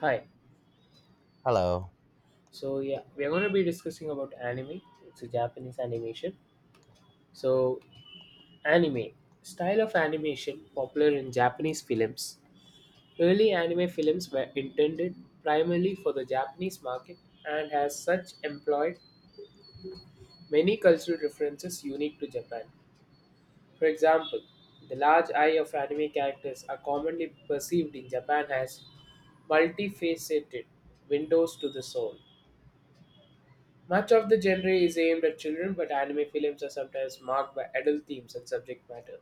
Hi. Hello. So yeah, we are going to be discussing about anime. It's a Japanese animation. So anime style of animation popular in Japanese films. Early anime films were intended primarily for the Japanese market and as such employed many cultural references unique to Japan. For example, the large eye of anime characters are commonly perceived in Japan as multifaceted windows to the soul. Much of the genre is aimed at children, but anime films are sometimes marked by adult themes and subject matter.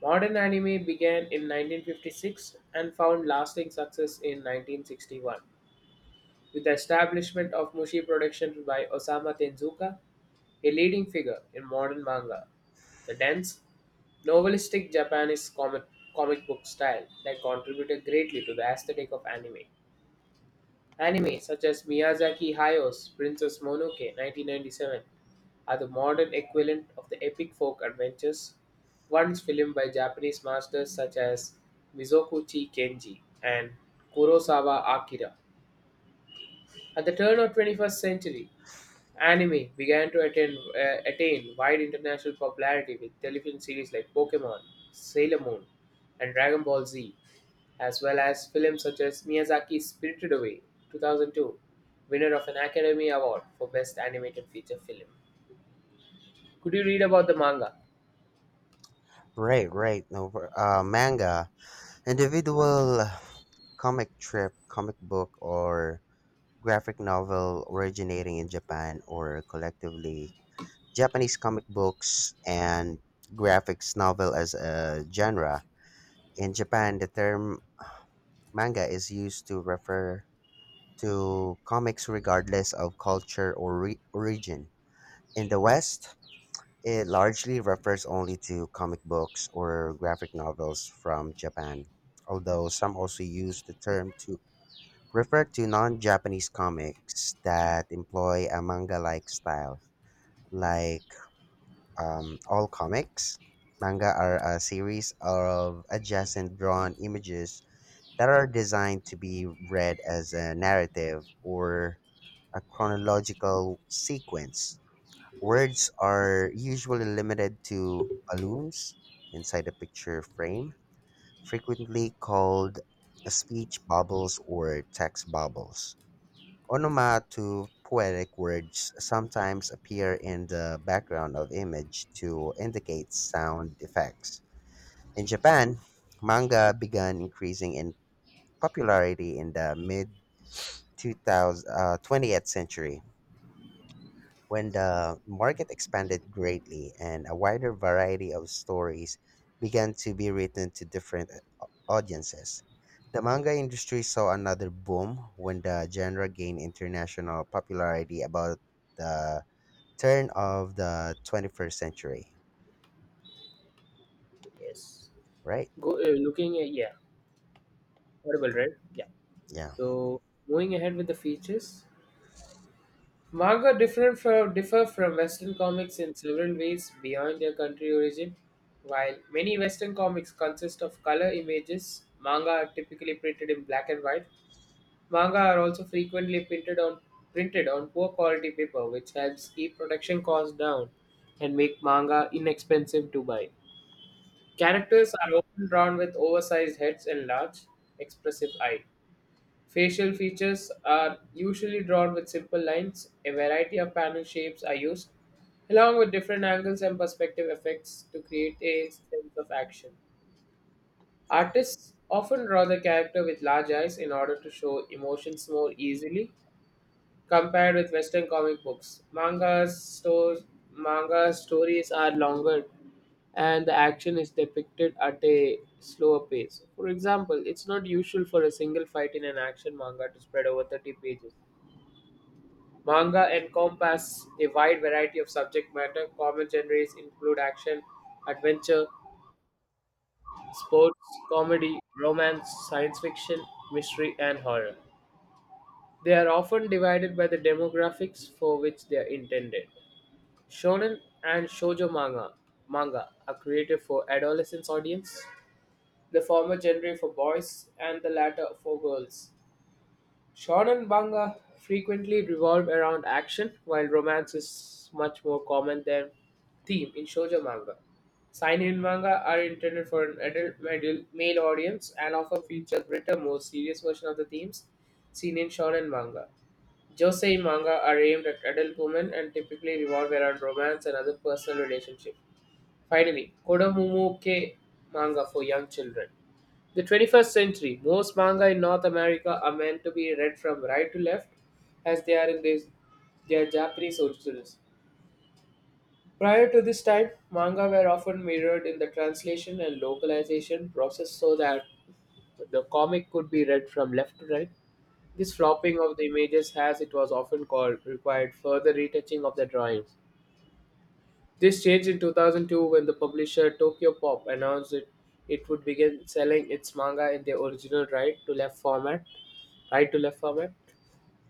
Modern anime began in 1956 and found lasting success in 1961 with the establishment of Mushi Productions by Osamu Tenzuka, a leading figure in modern manga. The dense, novelistic Japanese comic book style that contributed greatly to the aesthetic of anime. Anime such as Miyazaki Hayo's Princess Mononoke 1997 are the modern equivalent of the epic folk adventures once filmed by Japanese masters such as Mizoguchi Kenji and Kurosawa Akira. At the turn of 21st century, anime began to attain wide international popularity with television series like Pokemon, Sailor Moon, and Dragon Ball Z, as well as films such as Miyazaki's Spirited Away 2002, winner of an Academy Award for Best Animated Feature Film. Could you read about the manga? Right, right. No, manga, individual comic strip, comic book, or graphic novel originating in Japan, or collectively Japanese comic books and graphics novel as a genre. In Japan, the term manga is used to refer to comics regardless of culture or origin. In the West, it largely refers only to comic books or graphic novels from Japan, although some also use the term to refer to non Japanese comics that employ a manga like style. Like all comics, manga are a series of adjacent drawn images that are designed to be read as a narrative or a chronological sequence. Words are usually limited to balloons inside a picture frame, frequently called speech bubbles or text bubbles. Onomatopoetic words sometimes appear in the background of image to indicate sound effects. In Japan, manga began increasing in popularity in the mid 20th century, when the market expanded greatly and a wider variety of stories began to be written to different audiences. The manga industry saw another boom when the genre gained international popularity about the turn of the 21st century, Yes. right? Go, looking at, yeah, audible, right? Yeah. Yeah. So, moving ahead with the features, Manga differ from Western comics in several ways beyond their country origin. While many Western comics consist of color images, manga are typically printed in black and white. Manga are also frequently printed on poor quality paper, which helps keep production costs down and make manga inexpensive to buy. Characters are often drawn with oversized heads and large, expressive eyes. Facial features are usually drawn with simple lines. A variety of panel shapes are used, along with different angles and perspective effects to create a sense of action. Artists often draw the character with large eyes in order to show emotions more easily. Compared with Western comic books, manga stories are longer and the action is depicted at a slower pace. For example, it's not usual for a single fight in an action manga to spread over 30 pages. Manga encompass a wide variety of subject matter. Common genres include action, adventure, sports, comedy, romance, science fiction, mystery, and horror. They are often divided by the demographics for which they are intended. Shonen and shoujo manga, manga are created for adolescent audience, the former genre for boys and the latter for girls. Shonen and manga frequently revolve around action, while romance is much more common than theme in shoujo manga. Seinen manga are intended for an adult male audience and often feature greater, more serious version of the themes seen in shonen manga. Josei manga are aimed at adult women and typically revolve around romance and other personal relationships. Finally, Kodomomoke manga for young children. The 21st century, most manga in North America are meant to be read from right to left as they are in their Japanese originals. Prior to this time, manga were often mirrored in the translation and localization process so that the comic could be read from left to right. This flopping of the images, as it was often called, required further retouching of the drawings. This changed in 2002 when the publisher Tokyo Pop announced that it would begin selling its manga in the original right to left format. Right to left format.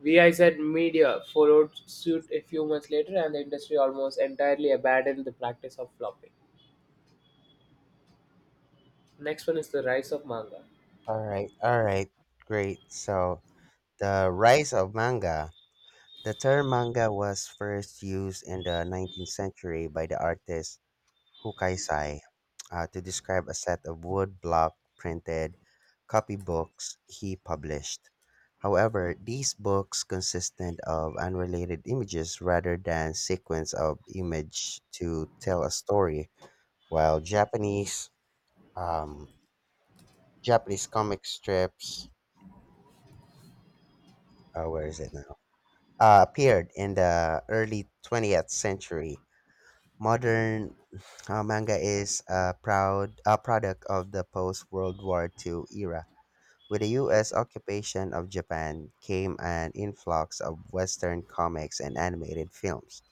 VIZ Media followed suit a few months later, and the industry almost entirely abandoned the practice of flopping. Next one is the rise of manga. All right. All right. Great. So, the rise of manga. The term manga was first used in the 19th century by the artist Hukaisai, to describe a set of woodblock printed copybooks he published. However, these books consisted of unrelated images rather than sequence of image to tell a story, while um, Japanese comic strips where is it now appeared in the early 20th century. Modern manga is a product of the post World War II era. With the US occupation of Japan came an influx of Western comics and animated films.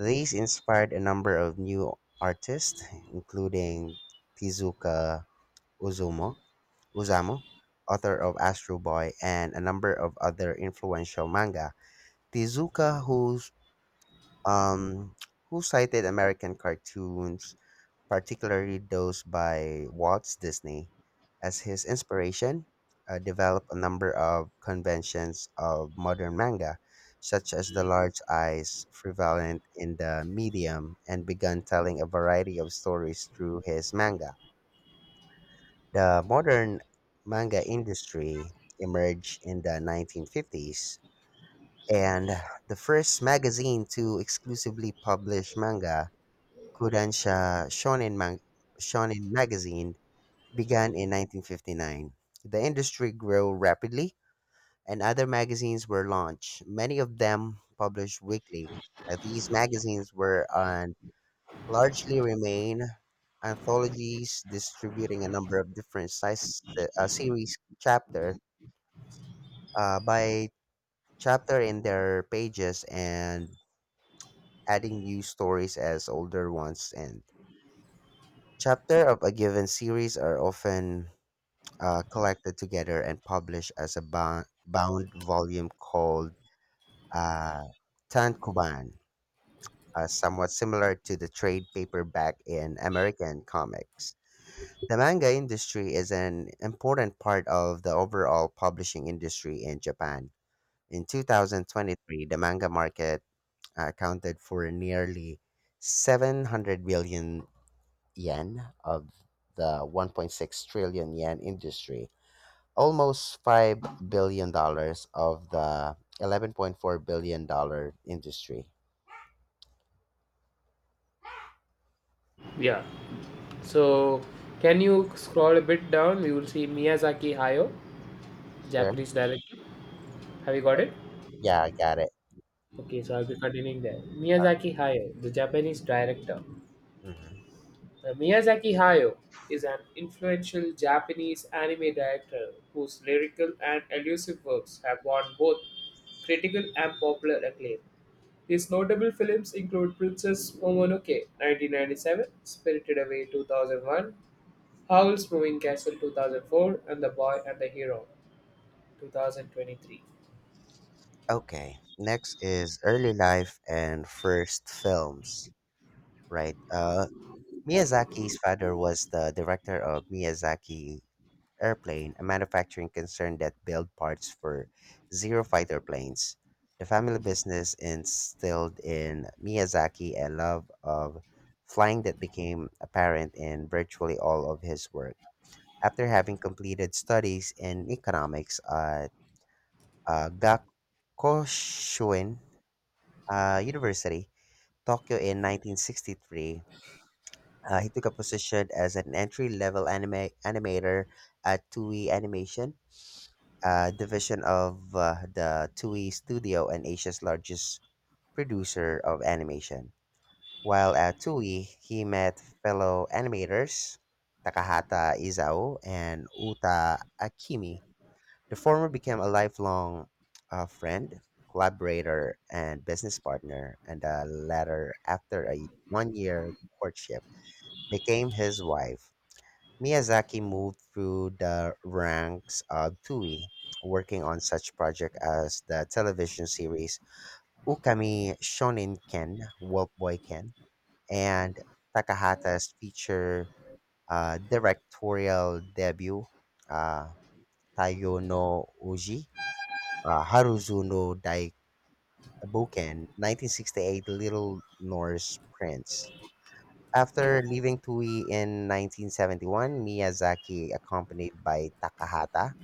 These inspired a number of new artists, including Tezuka Uzumo, Uzamo, author of Astro Boy, and a number of other influential manga. Tezuka, um, who cited American cartoons, particularly those by Walt Disney, as his inspiration, developed a number of conventions of modern manga, such as the large eyes prevalent in the medium, and began telling a variety of stories through his manga. The modern manga industry emerged in the 1950s, and the first magazine to exclusively publish manga, Kodansha Shonen Magazine, began in 1959. The industry grew rapidly, and other magazines were launched, many of them published weekly. These magazines were and largely remain anthologies, distributing a number of different size series chapter by chapter in their pages and adding new stories as older ones end. Chapter of a given series are often collected together and published as a bound volume called uh, Tankuban, somewhat similar to the trade paperback in American comics. The manga industry is an important part of the overall publishing industry in Japan. In 2023, the manga market accounted for nearly 700 billion yen of the 1.6 trillion yen industry, almost $5 billion of the $11.4 billion industry. Yeah. So, can you scroll a bit down? You will see Miyazaki Hayao, Sure. Japanese director. Have you got it? Yeah, I got it. Okay, so I'll be continuing there. Miyazaki Hayao, the Japanese director. Hmm. Miyazaki Hayao is an influential Japanese anime director whose lyrical and elusive works have won both critical and popular acclaim. His notable films include Princess Mononoke (1997), Spirited Away (2001), Howl's Moving Castle (2004), and The Boy and the Hero (2023). Okay. Next is early life and first films. Right. Miyazaki's father was the director of Miyazaki Airplane, a manufacturing concern that built parts for zero fighter planes. The family business instilled in Miyazaki a love of flying that became apparent in virtually all of his work. After having completed studies in economics at uh, Gakushin University, Tokyo in 1963, he took a position as an entry level anime animator at Toei Animation, a division of the Toei Studio and Asia's largest producer of animation. While at Toei, he met fellow animators Takahata Izao and Uta Akimi. The former became a lifelong friend, collaborator, and business partner, and the latter, after a 1 year courtship, became his wife. Miyazaki moved through the ranks of Toei, working on such projects as the television series Ukami Shoninken, Wolf Boy Ken, and Takahata's feature directorial debut, uh, Taiyo no Uji, Haruzu no Daibuken, 1968 Little Norse Prince. After leaving Toei in 1971, Miyazaki, accompanied by Takahata,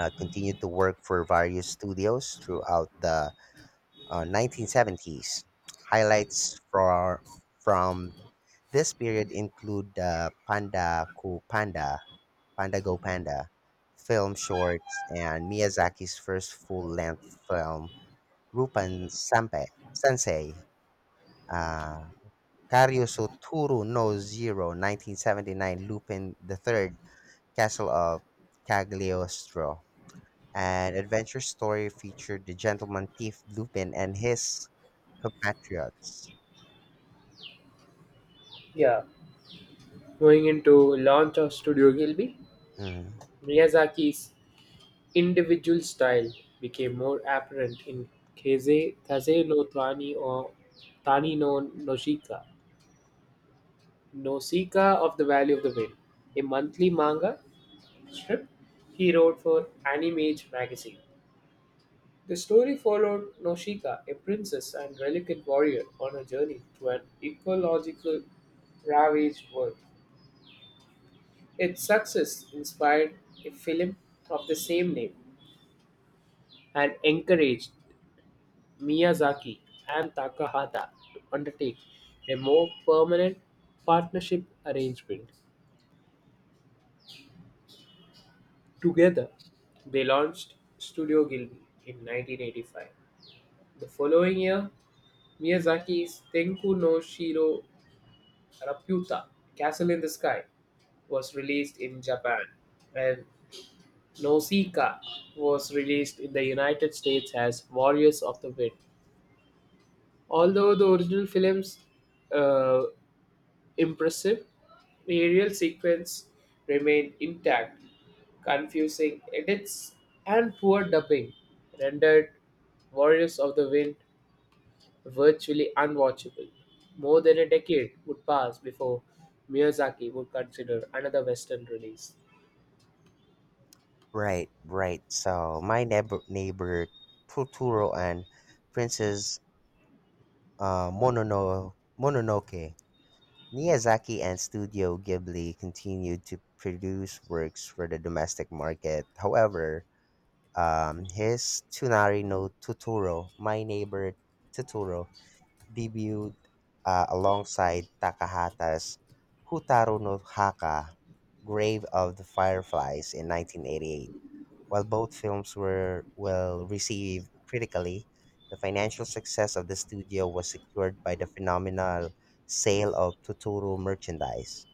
continued to work for various studios throughout the 1970s. Highlights from this period include the Panda Go Panda film shorts, and Miyazaki's first full-length film, Rupan Sanpe, Sensei, uh, Karyoso Turu no Zero, 1979, Lupin the Third, Castle of Cagliostro. An adventure story featured the gentleman thief Lupin and his compatriots. Yeah, going into launch of Studio Gilby, Mm. Miyazaki's Individual style became more apparent in Keize, Kase no Tani or Tani no Noshika, Nosika of the Valley of the Wind, a monthly manga strip he wrote for Animage magazine. The story followed Noshika, a princess and reluctant warrior, on a journey to an ecological ravaged world. Its success inspired a film of the same name and encouraged Miyazaki and Takahata to undertake a more permanent partnership arrangement. Together, they launched Studio Ghibli in 1985. The following year, Miyazaki's Tenku no Shiro Raputa, Castle in the Sky, was released in Japan, and Nausicaa was released in the United States as Warriors of the Wind. Although the original films uh, impressive, aerial sequence remained intact, confusing edits and poor dubbing rendered Warriors of the Wind virtually unwatchable. More than a decade would pass before Miyazaki would consider another Western release. Right, right. So my neighbor Totoro and Princess uh, Monono, Mononoke, Miyazaki and Studio Ghibli continued to produce works for the domestic market. However, his Tsunari no Totoro, My Neighbor Totoro, debuted alongside Takahata's "Hotaru no Haka: Grave of the Fireflies" in 1988. While both films were well received critically, the financial success of the studio was secured by the phenomenal sale of Totoro merchandise.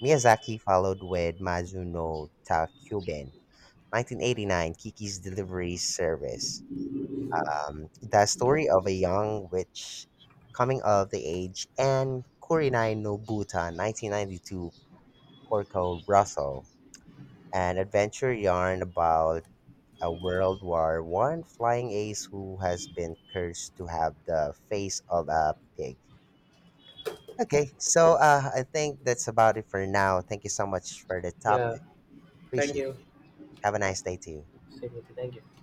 Miyazaki followed with Mazu no Takyuben, 1989, Kiki's Delivery Service, the story of a young witch coming of the age, and Kurinai Nobuta, 1992, Porco Russell, an adventure yarn about a World War I flying ace who has been cursed to have the face of a pig. Okay, so I think that's about it for now. Thank you so much for the top. Yeah, thank Appreciate it. you. Have a nice day to you. Same with you. Thank you.